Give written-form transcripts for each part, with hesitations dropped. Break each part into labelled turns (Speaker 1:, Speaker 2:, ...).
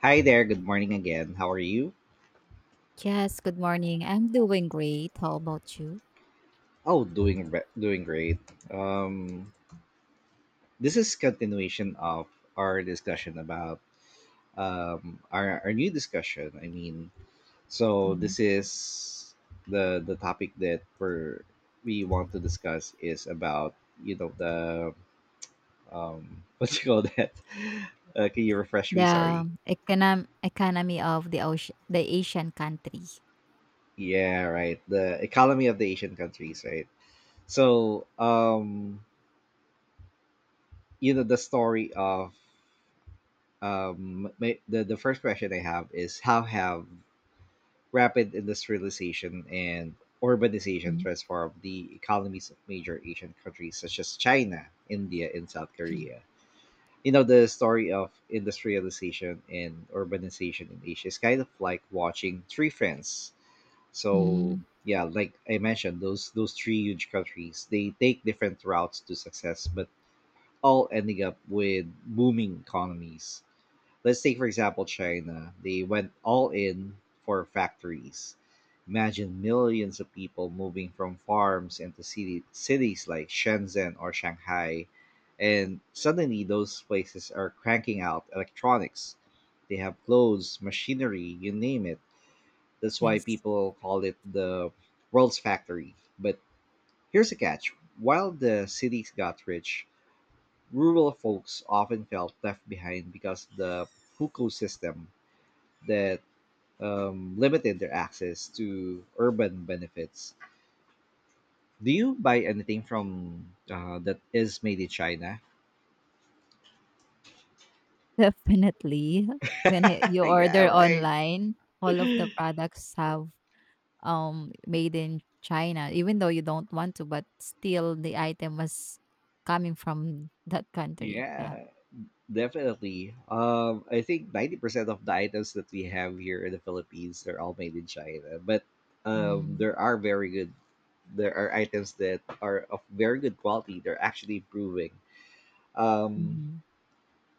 Speaker 1: Hi there. Good morning again. How are you?
Speaker 2: Yes, good morning. I'm doing great. How about you?
Speaker 1: Oh, doing great. Um, this is continuation of our discussion about our new discussion.
Speaker 2: Hmm.
Speaker 1: This is the topic that we want to discuss is about the what do you call that? Can you refresh me? Sorry.
Speaker 2: The economy of the ocean, the Asian country.
Speaker 1: Yeah, right. The economy of the Asian countries, right? So um the story of the first question I have is, how have rapid industrialization and urbanization
Speaker 2: Mhm.
Speaker 1: transformed the economies of major Asian countries such as China, India, and South Korea? You know, the story of industrialization and urbanization in Asia is kind of like watching three friends. So
Speaker 2: Mm.
Speaker 1: yeah, like I mentioned, those three huge countries, they take different routes to success, but all ending up with booming economies. Let's take, for example, China. They went all in for factories. Imagine millions of people moving from farms into cities like Shenzhen or Shanghai. And suddenly, those places are cranking out electronics. They have clothes, machinery, you name it. That's why
Speaker 2: Yes,
Speaker 1: people call it the world's factory. But here's a catch, while the cities got rich, rural folks often felt left behind because the hukou system that limited their access to urban benefits. Do you buy anything from that is made in China?
Speaker 2: definitely. You
Speaker 1: Yeah,
Speaker 2: order
Speaker 1: right.
Speaker 2: online, all of the products have made in China, even though you don't want to, but still the item was coming from that country. Yeah.
Speaker 1: Yeah, definitely. I think 90% of the items that we have here in the Philippines are all made in China, but
Speaker 2: Mm-hmm.
Speaker 1: there are very good. There are items that are of very good quality. They're actually improving. Um,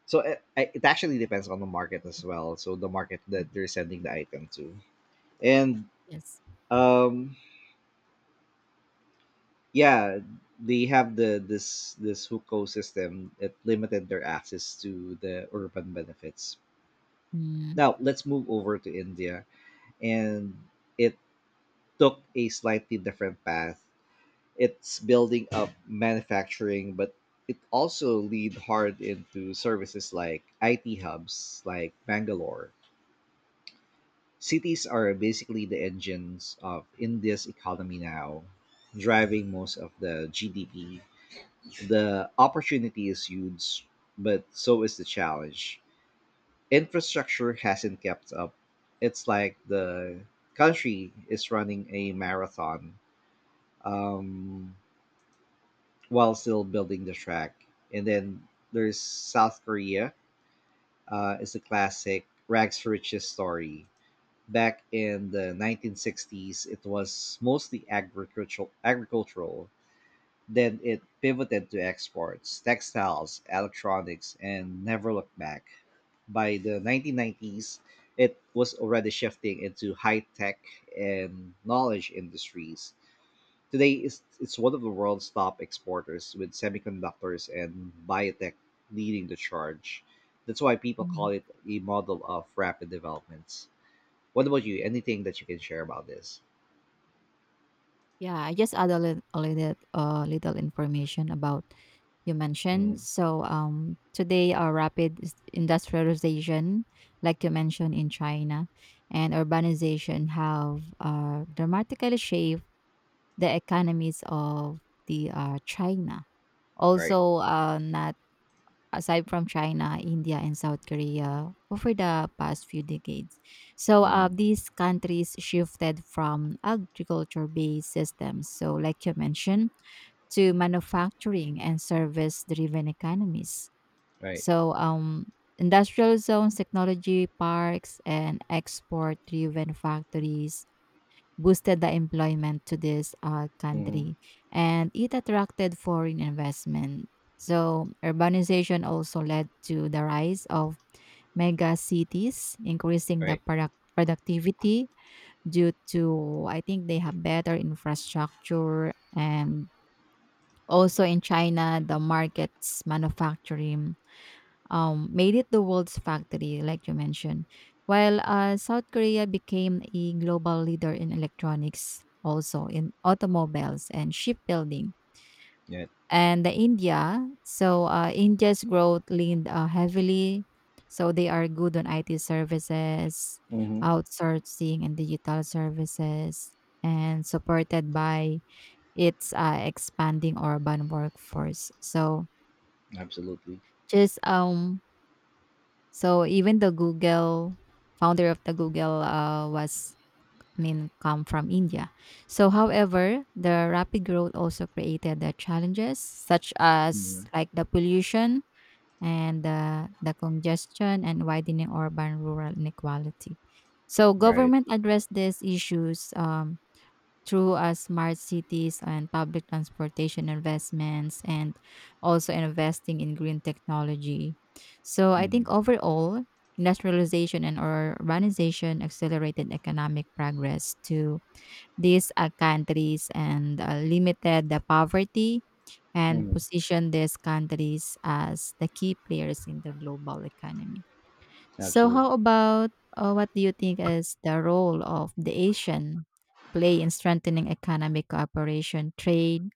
Speaker 1: so it actually depends on the market as well. So the market that they're sending the item to. And
Speaker 2: Yes.
Speaker 1: um yeah they have the this this hukou system that limited their access to the urban benefits.
Speaker 2: Mm-hmm.
Speaker 1: Now let's move over to India, and it took a slightly different path. It's building up manufacturing, but it also lead hard into services like IT hubs like Bangalore. Cities are basically the engines of India's economy now, driving most of the GDP. The opportunity is huge, but so is the challenge. Infrastructure hasn't kept up. It's like the country is running a marathon um, while still building the track. And then there's South Korea, is a classic rags to riches story. Back in the 1960s, it was mostly agricultural. Then it pivoted to exports, textiles, electronics, and never looked back. By the 1990s, it was already shifting into high tech and knowledge industries. Today, it's one of the world's top exporters, with semiconductors and biotech leading the charge. That's why people call it a model of rapid developments. What about you? Anything that you can share about this?
Speaker 2: Yeah, I just add a little, little information about you mentioned.
Speaker 1: Hmm.
Speaker 2: Today, our rapid industrialization, like you mentioned in China, and urbanization have dramatically shaped the economies of the China.
Speaker 1: Right.
Speaker 2: Also, not aside from China, India, and South Korea over the past few decades. So
Speaker 1: Hmm.
Speaker 2: these countries shifted from agriculture-based systems, so like you mentioned, to manufacturing and service-driven economies.
Speaker 1: Right.
Speaker 2: So um, Industrial zones, technology parks, and export-driven factories boosted the employment to this
Speaker 1: Hmm.
Speaker 2: country, and it attracted foreign investment. So, urbanization also led to the rise of mega cities, increasing the
Speaker 1: Right.
Speaker 2: productivity due to, I think, they have better infrastructure. And also in China, the markets, manufacturing, made it the world's factory, like you mentioned. While South Korea became a global leader in electronics, also in automobiles and shipbuilding.
Speaker 1: Yeah.
Speaker 2: And the India, so India's growth leaned heavily. So they are good on IT services,
Speaker 1: Hmm.
Speaker 2: outsourcing and digital services, and supported by its expanding urban workforce.
Speaker 1: Absolutely.
Speaker 2: Just um So even the Google founder of the Google was, I mean, come from India. So however, the rapid growth also created the challenges such as
Speaker 1: Hmm.
Speaker 2: like the pollution and the congestion and widening urban rural inequality. So
Speaker 1: Right.
Speaker 2: government addressed these issues through smart cities and public transportation investments and also investing in green technology. So I think
Speaker 1: Hmm.
Speaker 2: overall, industrialization and urbanization accelerated economic progress to these countries and limited the poverty and
Speaker 1: Hmm.
Speaker 2: positioned these countries as the key players in the global economy. So
Speaker 1: Absolutely.
Speaker 2: how about, what do you think is the role of the Asian play in strengthening economic cooperation, trade,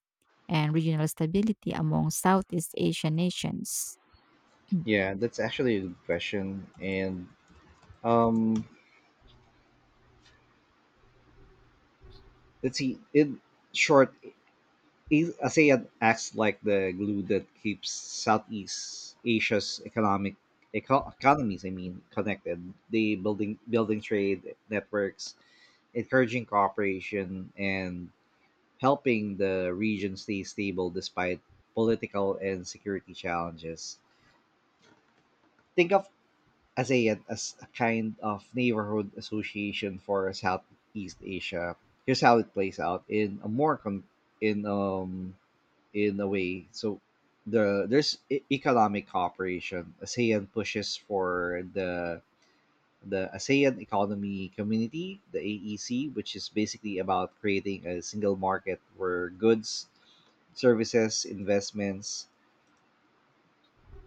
Speaker 2: and regional stability among Southeast Asian nations?
Speaker 1: Yeah, that's actually a good question. And um, let's see. In short, ASEAN acts like the glue that keeps Southeast Asia's economies connected. They building trade networks, encouraging cooperation, and helping the region stay stable despite political and security challenges. Think of ASEAN as a kind of neighborhood association for Southeast Asia. Here's how it plays out in a more con- in um in a way. So there's economic cooperation. ASEAN pushes for the ASEAN Economy Community, the AEC, which is basically about creating a single market where goods, services, investments,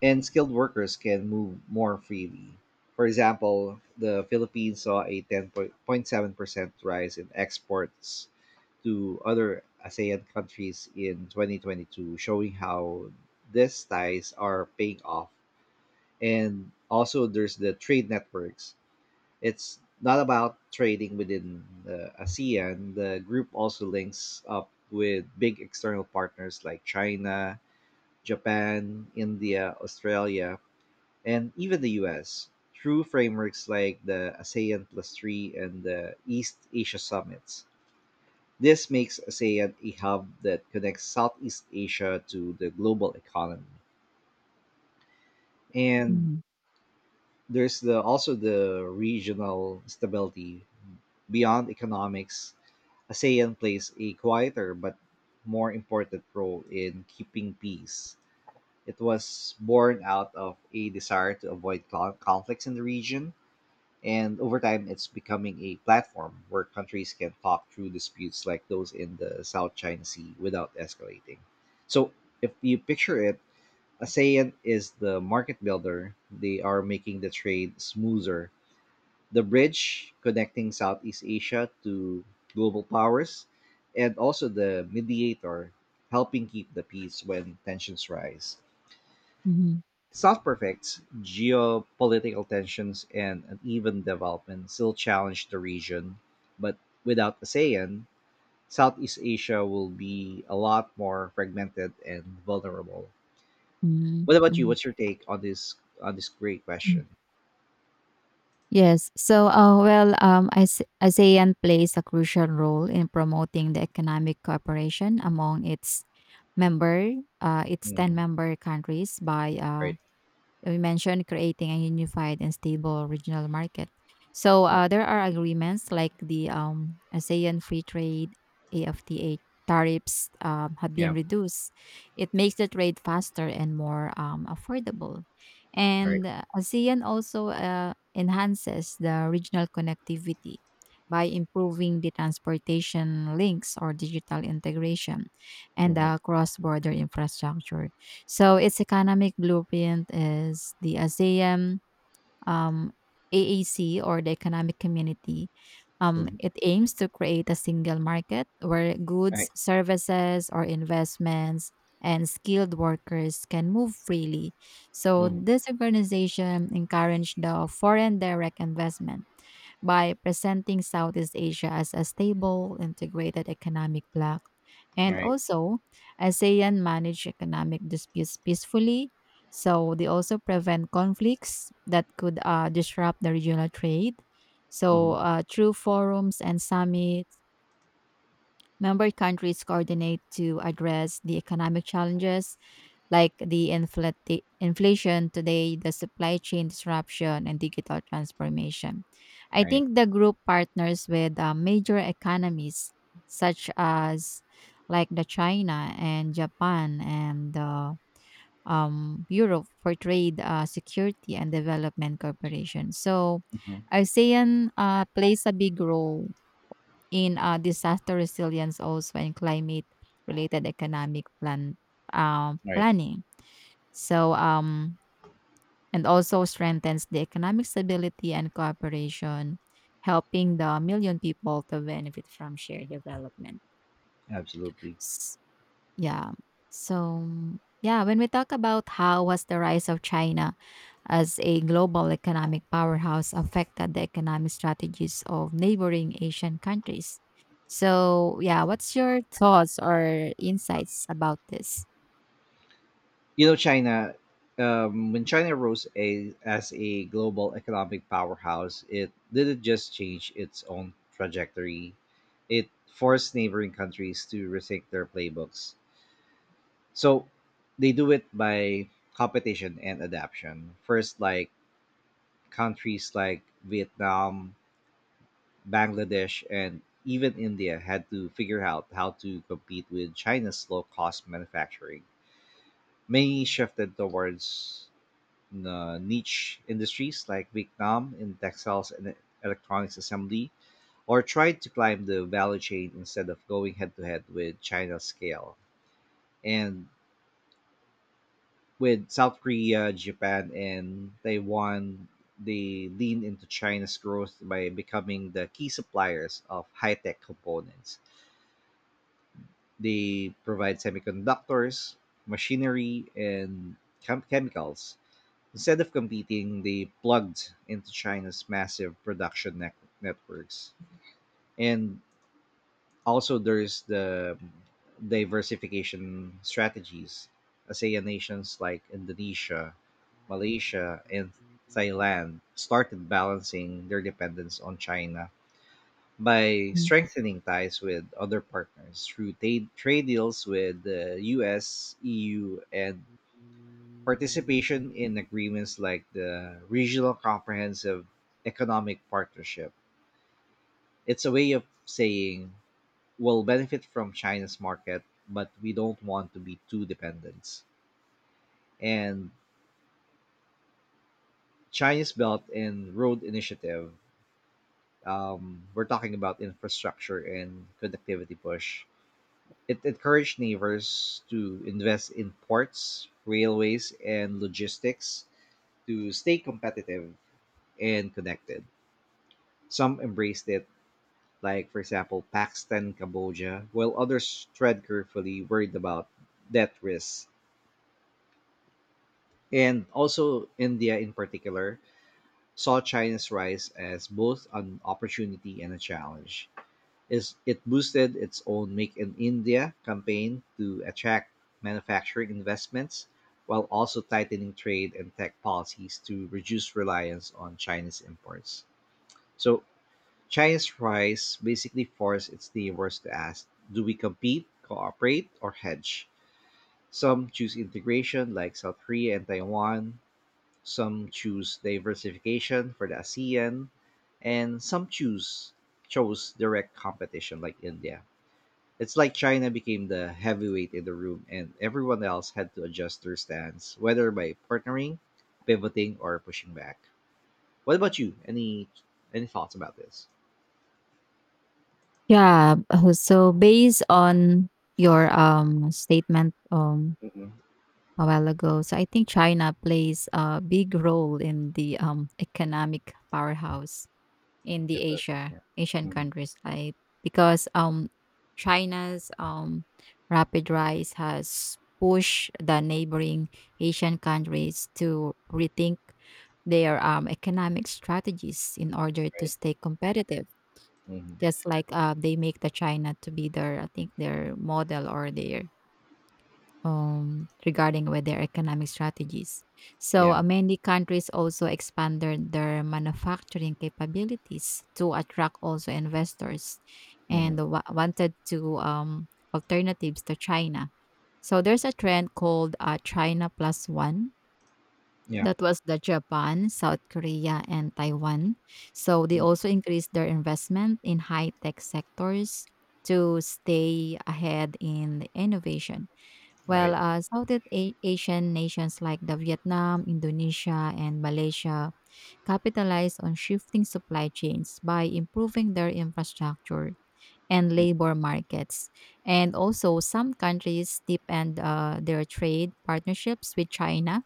Speaker 1: and skilled workers can move more freely. For example, the Philippines saw a 10.7% rise in exports to other ASEAN countries in 2022, showing how these ties are paying off. And also, there's the trade networks. It's not about trading within the ASEAN. The group also links up with big external partners like China, Japan, India, Australia, and even the US through frameworks like the ASEAN Plus 3 and the East Asia Summits. This makes ASEAN a hub that connects Southeast Asia to the global economy. And
Speaker 2: Mm.
Speaker 1: there's the also the regional stability beyond economics. ASEAN plays a quieter but more important role in keeping peace. It was born out of a desire to avoid conflicts in the region. And over time, it's becoming a platform where countries can talk through disputes like those in the South China Sea without escalating. So, if you picture it, ASEAN is the market builder. They are making the trade smoother. The bridge connecting Southeast Asia to global powers, and also the mediator helping keep the peace when tensions rise.
Speaker 2: Mhm,
Speaker 1: South prefects geopolitical tensions, and uneven development still challenge the region, but without ASEAN, Southeast Asia will be a lot more fragmented and vulnerable.
Speaker 2: mhm,
Speaker 1: What
Speaker 2: mhm,
Speaker 1: about you?
Speaker 2: mhm,
Speaker 1: What's your take on this great
Speaker 2: mm.
Speaker 1: question?
Speaker 2: Yes. So, ASEAN plays a crucial role in promoting the economic cooperation among its member. It's 10
Speaker 1: Hmm.
Speaker 2: member countries by
Speaker 1: Right.
Speaker 2: we mentioned, creating a unified and stable regional market. So
Speaker 1: Mm.
Speaker 2: there are agreements like the ASEAN Free Trade, AFTA, tariffs have been
Speaker 1: Yeah.
Speaker 2: reduced. It makes the trade faster and more affordable.
Speaker 1: All right.
Speaker 2: And ASEAN also enhances the regional connectivity by improving the transportation links or digital integration and
Speaker 1: Mm-hmm.
Speaker 2: the cross border infrastructure. So its economic blueprint is the ASEAN, um, AAC or the Economic Community.
Speaker 1: Mm-hmm.
Speaker 2: It aims to create a single market where
Speaker 1: All
Speaker 2: goods,
Speaker 1: right.
Speaker 2: services, or investments and skilled workers can move freely. So
Speaker 1: Mm-hmm.
Speaker 2: this organization encouraged the foreign direct investment by presenting Southeast Asia as a stable, integrated economic bloc.
Speaker 1: All
Speaker 2: And
Speaker 1: right.
Speaker 2: also, ASEAN manage economic disputes peacefully. So they also prevent conflicts that could disrupt the regional trade. So
Speaker 1: Mm-hmm.
Speaker 2: through forums and summits, member countries coordinate to address the economic challenges like the inflation today, the supply chain disruption, and digital transformation. I
Speaker 1: All right.
Speaker 2: think the group partners with major economies such as like the China and Japan and Europe for trade, security, and development cooperation. So,
Speaker 1: Mm-hmm. All
Speaker 2: ASEAN plays a big role in disaster resilience also and climate related economic
Speaker 1: right.
Speaker 2: planning, so and also strengthens the economic stability and cooperation, helping the million people to benefit from shared development.
Speaker 1: Absolutely.
Speaker 2: Yeah. So, yeah, when we talk about how was the rise of China as a global economic powerhouse affected the economic strategies of neighboring Asian countries. So, yeah, what's your thoughts or insights about this?
Speaker 1: You know, China, when China rose as a global economic powerhouse, it didn't just change its own trajectory, it forced neighboring countries to rethink their playbooks. So they do it by competition and adaptation. First, like countries like Vietnam, Bangladesh, and even India had to figure out how to compete with China's low cost manufacturing. Many shifted towards niche industries like Vietnam in textiles and electronics assembly, or tried to climb the value chain instead of going head to head with China's scale. And with South Korea, Japan, and Taiwan, they lean into China's growth by becoming the key suppliers of high tech components. They provide semiconductors, machinery, and chemicals. Instead of competing, they plugged into China's massive networks. And also, there's the diversification strategies. ASEAN nations like Indonesia, Malaysia, and Thailand started balancing their dependence on China by strengthening ties with other partners through trade deals with the US, EU, and Participation in agreements like the Regional Comprehensive Economic Partnership. It's a way of saying we'll benefit from China's market, but we don't want to be too dependent. And China's Belt and Road Initiative, we're talking about infrastructure and connectivity push. It encouraged neighbors to invest in ports, railways, and logistics to stay competitive and connected. Some embraced it, like, for example, Pakistan, Cambodia, while others tread carefully, worried about death risks. And also, India in particular saw China's rise as both an opportunity and a challenge. It boosted its own Make in India campaign to attract manufacturing investments, while also tightening trade and tech policies to reduce reliance on Chinese imports. So, China's rise basically forced its neighbors to ask, do we compete, cooperate, or hedge? Some choose integration, like South Korea and Taiwan, some choose diversification for the ASEAN, and some choose chose direct competition like India. It's like China became the heavyweight in the room and everyone else had to adjust their stance, whether by partnering, pivoting, or pushing back. What about you? Any thoughts about this?
Speaker 2: Yeah. So based on your statement a while ago, so I think China plays a big role in the economic powerhouse in the
Speaker 1: Definitely, yeah.
Speaker 2: Asian
Speaker 1: Mhm,
Speaker 2: countries, right? Because China's rapid rise has pushed the neighboring Asian countries to rethink their economic strategies in order to
Speaker 1: right.
Speaker 2: stay competitive,
Speaker 1: Mhm.
Speaker 2: just like they make the China to be their, I think, their model or their regarding with their economic strategies. So
Speaker 1: Yeah.
Speaker 2: many countries also expanded their manufacturing capabilities to attract also investors and
Speaker 1: Mhm.
Speaker 2: wanted to alternatives to China. So there's a trend called China plus one,
Speaker 1: Yeah.
Speaker 2: that was the Japan, South Korea, and Taiwan. So they
Speaker 1: Mhm.
Speaker 2: also increased their investment in high-tech sectors to stay ahead in the innovation. While
Speaker 1: Right.
Speaker 2: Southeast Asian nations like the Vietnam, Indonesia, and Malaysia capitalized on shifting supply chains by improving their infrastructure and
Speaker 1: Mm,
Speaker 2: labor markets. And also, some countries deepened their trade partnerships with China,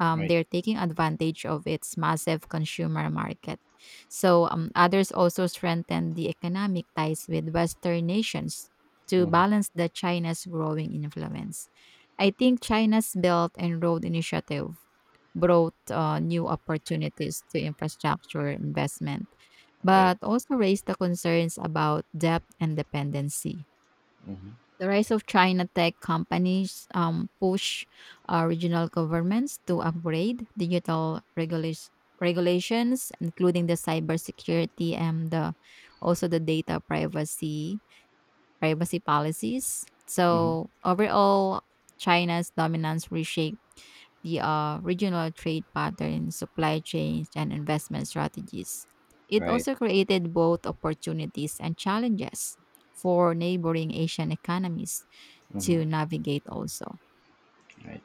Speaker 1: right.
Speaker 2: they're taking advantage of its massive consumer market. So, others also strengthen the economic ties with Western nations to
Speaker 1: Mhm.
Speaker 2: balance the China's growing influence. I think China's Belt and Road Initiative brought new opportunities to infrastructure investment,
Speaker 1: Right.
Speaker 2: but also raised the concerns about debt and dependency.
Speaker 1: Mhm.
Speaker 2: The rise of China tech companies push regional governments to upgrade digital regulations, including the cybersecurity and the, also the data privacy policies.
Speaker 1: Mhm.
Speaker 2: So overall, China's dominance reshaped the regional trade patterns, supply chains, and investment strategies. It
Speaker 1: Right.
Speaker 2: also created both opportunities and challenges for neighboring Asian economies
Speaker 1: Mhm.
Speaker 2: to navigate also.
Speaker 1: Right.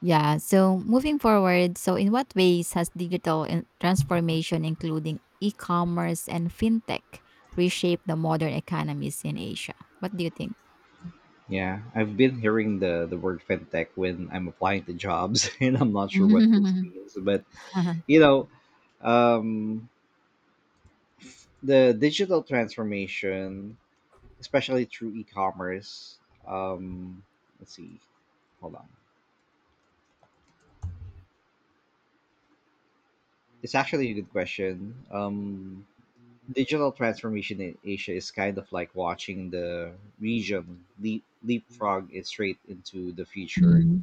Speaker 2: Yeah, so moving forward, so in what ways has digital transformation, including e commerce and fintech, reshaped the modern economies in Asia? What do you think?
Speaker 1: Yeah, I've been hearing the word fintech when I'm applying to jobs, and I'm not sure what this
Speaker 2: Mhm.
Speaker 1: means. But you know, um, the digital transformation, especially through e-commerce. Um, let's see. Hold on. It's actually a good question. Digital transformation in Asia is kind of like watching the region leapfrog it straight into the future
Speaker 2: Mhm,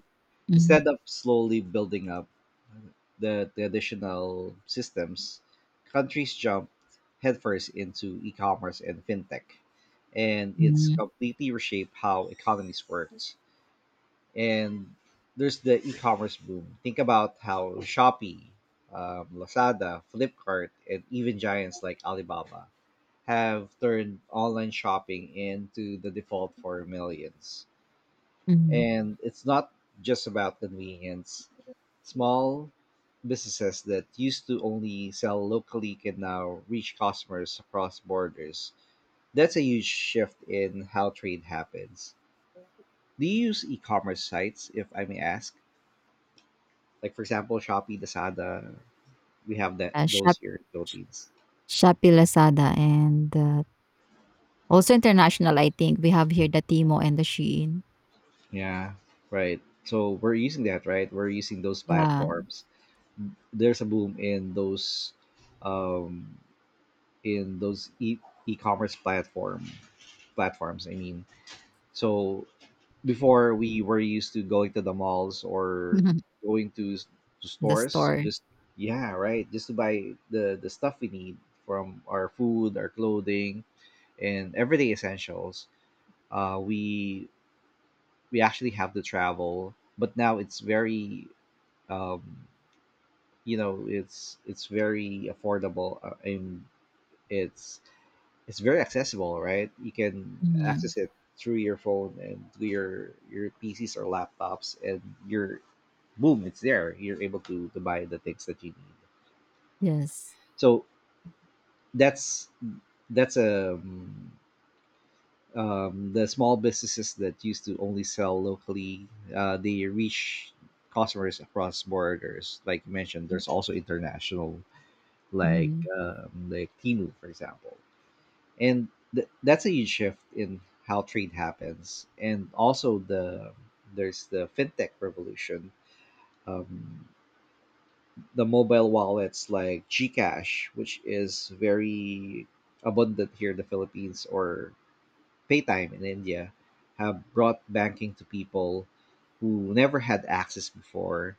Speaker 2: mhm,
Speaker 1: instead of slowly building up the traditional systems. Countries jump headfirst into e-commerce and fintech, and it's
Speaker 2: mhm.
Speaker 1: completely reshaped how economies work. And there's the e-commerce boom. Think about how Shopee, Lazada, Flipkart, and even giants like Alibaba have turned online shopping into the default for millions.
Speaker 2: Mhm.
Speaker 1: And it's not just about convenience. Small businesses that used to only sell locally can now reach customers across borders. That's a huge shift in how trade happens. Do you use e-commerce sites, if I may ask? Like for example, Shopee, Lazada, we have that
Speaker 2: Uh, Shop
Speaker 1: those here in the Philippines.
Speaker 2: Shopee, Lazada, and, also international, I think. We have here the Timo and the Shein.
Speaker 1: Yeah, right. So we're using that, right? We're using those
Speaker 2: Yeah.
Speaker 1: platforms. There's a boom in um, in those e e-commerce platforms. So before we were used to going to the malls or going to, to
Speaker 2: The
Speaker 1: stores
Speaker 2: store.
Speaker 1: just, yeah, right, just to buy the stuff we need, from our food, our clothing, and everyday essentials. uh we we actually have to travel, but now it's very um it's very affordable, and it's it's very accessible, right? You can
Speaker 2: Mhm.
Speaker 1: access it through your phone and through your PCs or laptops, and you're boom, it's there. You're able to buy the things that you need.
Speaker 2: Yes.
Speaker 1: So that's that's the small businesses that used to only sell locally. They reach customers across borders, like you mentioned. There's also international,
Speaker 2: Mhm.
Speaker 1: like Timu, for example. And that's a huge shift in how trade happens, and also the there's the fintech revolution. um, the mobile wallets like gcash, which is very abundant here in the Philippines, or paytime in India, have brought banking to people who never had access before.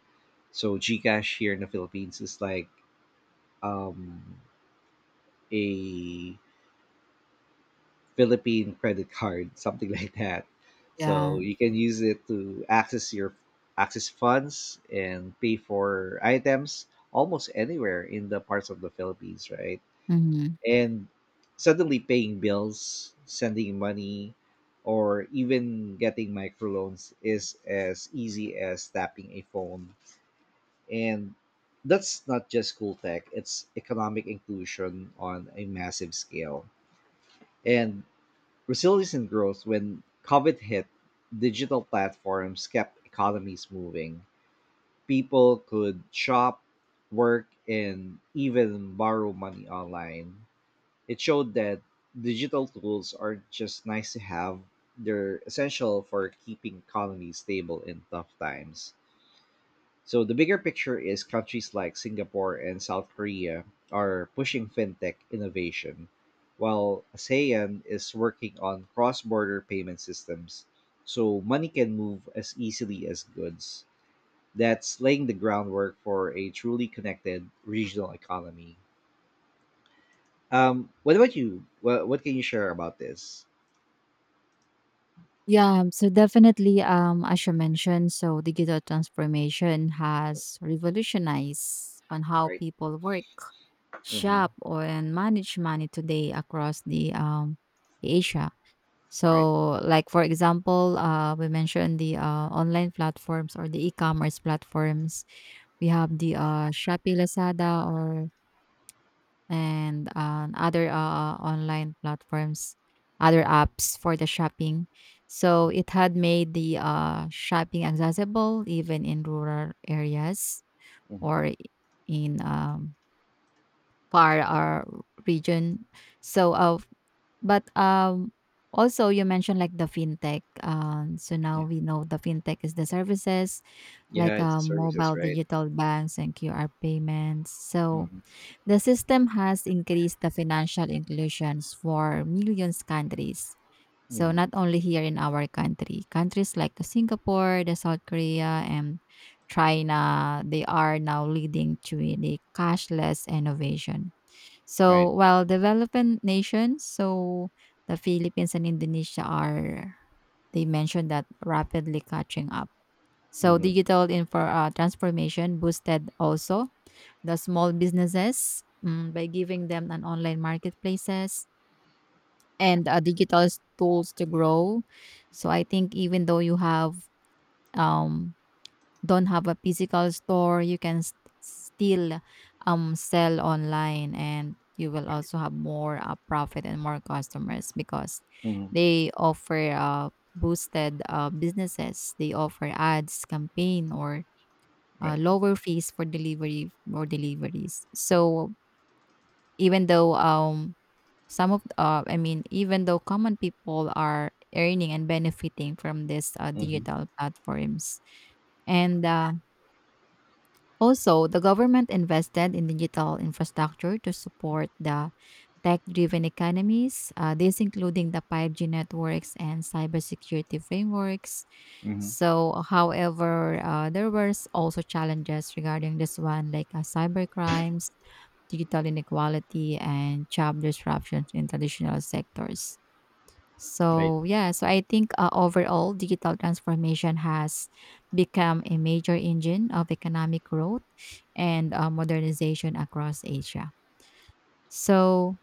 Speaker 1: So gcash here in the Philippines is like um, a Philippine credit card, something like that. So
Speaker 2: Yeah.
Speaker 1: you can use it to access your access funds and pay for items almost anywhere in the parts of the Philippines, right?
Speaker 2: Mhm.
Speaker 1: And suddenly paying bills, sending money, or even getting microloans is as easy as tapping a phone. And that's not just cool tech, it's economic inclusion on a massive scale. And Resilience grows when COVID hit, digital platforms kept economies moving. People could shop, work, and even borrow money online. It showed that digital tools aren't just nice to have, they're essential for keeping economies stable in tough times. So the bigger picture is, countries like Singapore and South Korea are pushing fintech innovation, while ASEAN is working on cross-border payment systems so money can move as easily as goods. That's laying the groundwork for a truly connected regional economy. What about you? What can you share about this?
Speaker 2: Yeah, so definitely, as you mentioned, so digital transformation has revolutionized on how
Speaker 1: Right.
Speaker 2: people work,
Speaker 1: Mm-hmm.
Speaker 2: shop, or and manage money today across the, Asia.
Speaker 1: Right.
Speaker 2: So, like for example, we mentioned the online platforms or the e-commerce platforms. We have the Shopee, Lazada, or and other online platforms, other apps for the shopping. So it had made the shopping accessible even in rural areas
Speaker 1: Mm-hmm.
Speaker 2: or in far region. So, but, um, also you mentioned like the fintech, so now
Speaker 1: Yeah.
Speaker 2: we know the fintech is the services like,
Speaker 1: Yeah. It's services,
Speaker 2: mobile
Speaker 1: right?
Speaker 2: digital banks and QR payments. So
Speaker 1: Mm-hmm.
Speaker 2: the system has increased the financial inclusions for millions countries. So
Speaker 1: Mm-hmm.
Speaker 2: not only here in our country, countries like the Singapore, the South Korea, and China, they are now leading to the cashless innovation. So
Speaker 1: Right.
Speaker 2: while developing nations, so the Philippines and Indonesia are they mentioned that rapidly catching up. So
Speaker 1: Mm-hmm.
Speaker 2: digital info transformation boosted also the small businesses, by giving them an online marketplaces and digital tools to grow. So I think even though you have um, don't have a physical store, you can still sell online, and you will
Speaker 1: Right.
Speaker 2: also have more profit and more customers because
Speaker 1: Mm-hmm.
Speaker 2: they offer boosted businesses. They offer ads, campaign, or
Speaker 1: Right.
Speaker 2: lower fees for delivery or deliveries. So even though some of I mean even though common people are earning and benefiting from this
Speaker 1: Mm-hmm.
Speaker 2: digital platforms, and also, the government invested in digital infrastructure to support the tech driven economies. This including the 5G networks and cybersecurity frameworks.
Speaker 1: Hmm.
Speaker 2: So, however, there was also challenges regarding this one, like cyber crimes, digital inequality, and job disruptions in traditional sectors.
Speaker 1: Right.
Speaker 2: So yeah, so I think overall digital transformation has become a major engine of economic growth and modernization across Asia. So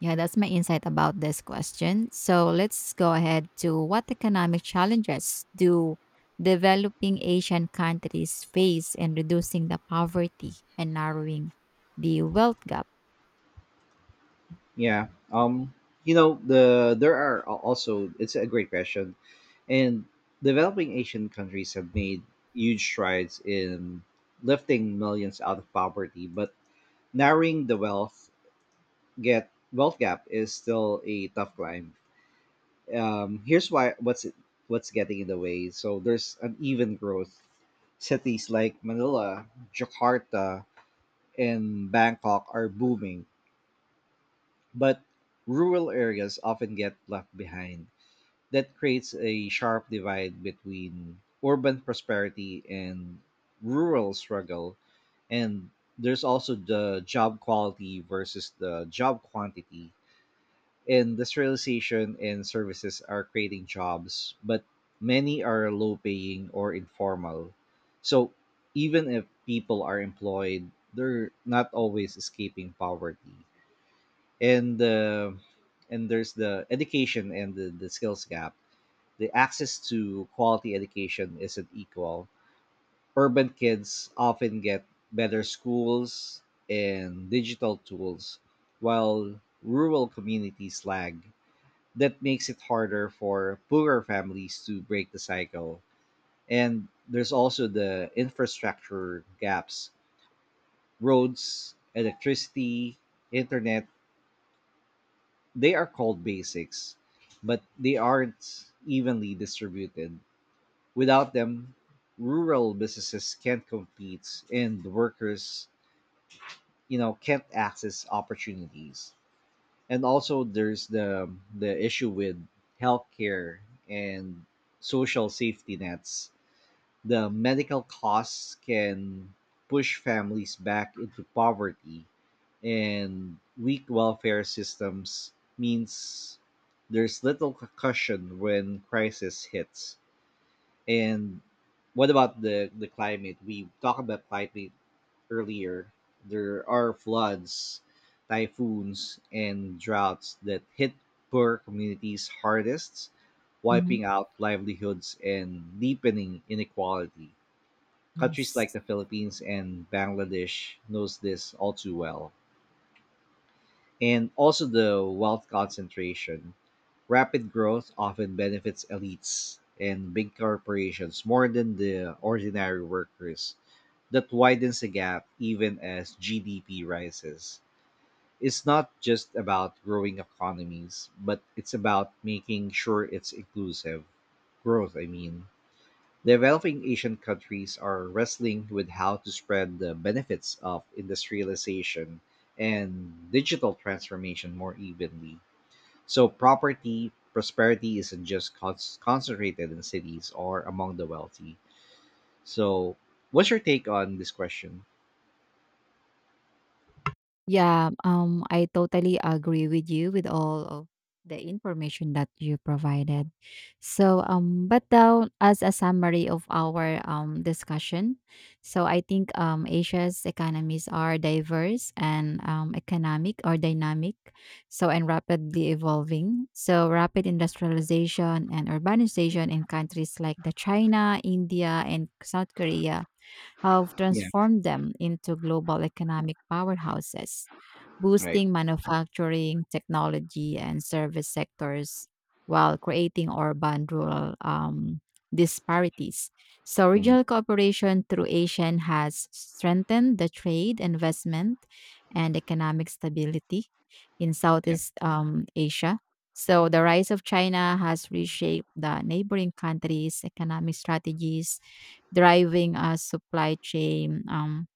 Speaker 2: yeah, that's my insight about this question. So let's go ahead to what economic challenges do developing Asian countries face in reducing the poverty and narrowing the wealth gap?
Speaker 1: Yeah. You know, there are also, it's a great question, and developing Asian countries have made huge strides in lifting millions out of poverty, but narrowing the wealth gap is still a tough climb. Here's why. What's it? What's getting in the way? So there's uneven growth. Cities like Manila, Jakarta, and Bangkok are booming, but rural areas often get left behind. That creates a sharp divide between urban prosperity and rural struggle. And there's also the job quality versus the job quantity. Industrialization and services are creating jobs, but many are low paying or informal. So even if people are employed, they're not always escaping poverty, and uh, and there's the education and the skills gap. The access to quality education isn't equal. Urban kids often get better schools and digital tools, while rural communities lag. That makes it harder for poorer families to break the cycle. And there's also the infrastructure gaps: roads, electricity, internet. They are called basics, but they aren't evenly distributed. Without them, rural businesses can't compete and workers, can't access opportunities. And also there's the issue with healthcare and social safety nets. The medical costs can push families back into poverty, and weak welfare systems means there's little cushion when crisis hits. And what about the climate? We talked about climate earlier. There are floods, typhoons, and droughts that hit poor communities hardest,
Speaker 2: Mhm.
Speaker 1: wiping out livelihoods and deepening inequality. Countries like
Speaker 2: Yes.
Speaker 1: the Philippines and Bangladesh knows this all too well. And also the wealth concentration. Rapid growth often benefits elites and big corporations more than the ordinary workers. That widens the gap even as GDP rises. It's not just about growing economies, but it's about making sure it's inclusive. Growth, I mean. Developing Asian countries are wrestling with how to spread the benefits of industrialization and digital transformation more evenly. So property prosperity isn't just concentrated in cities or among the wealthy. So, what's your take on this question?
Speaker 2: Yeah, I totally agree with you with all of the information that you provided. So, but now as a summary of our discussion, so I think Asia's economies are diverse and economic or dynamic, so and rapidly evolving. So rapid industrialization and urbanization in countries like the China, India, and South Korea have
Speaker 1: Yeah.
Speaker 2: transformed them into global economic powerhouses,
Speaker 1: Right.
Speaker 2: boosting manufacturing, technology, and service sectors while creating urban rural disparities. So,
Speaker 1: Hmm.
Speaker 2: regional cooperation through ASEAN has strengthened the trade, investment, and economic stability in
Speaker 1: Yeah.
Speaker 2: Southeast Asia. So, the rise of China has reshaped the neighboring countries' economic strategies, driving a supply chain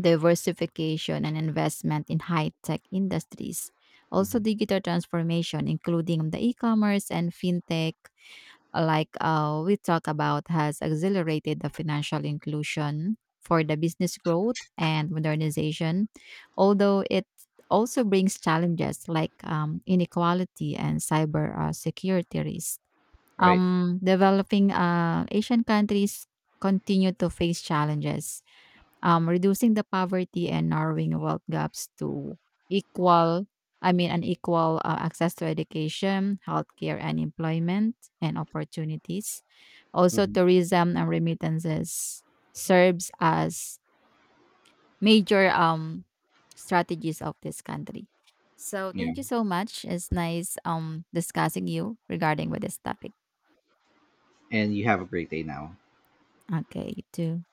Speaker 2: diversification and investment in high-tech industries. Also,
Speaker 1: Hmm.
Speaker 2: digital transformation, including the e-commerce and fintech, like we talked about, has accelerated the financial inclusion for the business growth and modernization. Although it also brings challenges like inequality and cyber security risk.
Speaker 1: Right.
Speaker 2: Developing Asian countries continue to face challenges. Reducing the poverty and narrowing wealth gaps to equal, I mean, an equal access to education, healthcare, and employment and opportunities. Also,
Speaker 1: Hmm.
Speaker 2: tourism and remittances serves as major strategies of this country. So,
Speaker 1: Yeah.
Speaker 2: thank you so much. It's nice discussing you regarding with this topic.
Speaker 1: And you have a great day now.
Speaker 2: Okay, you too.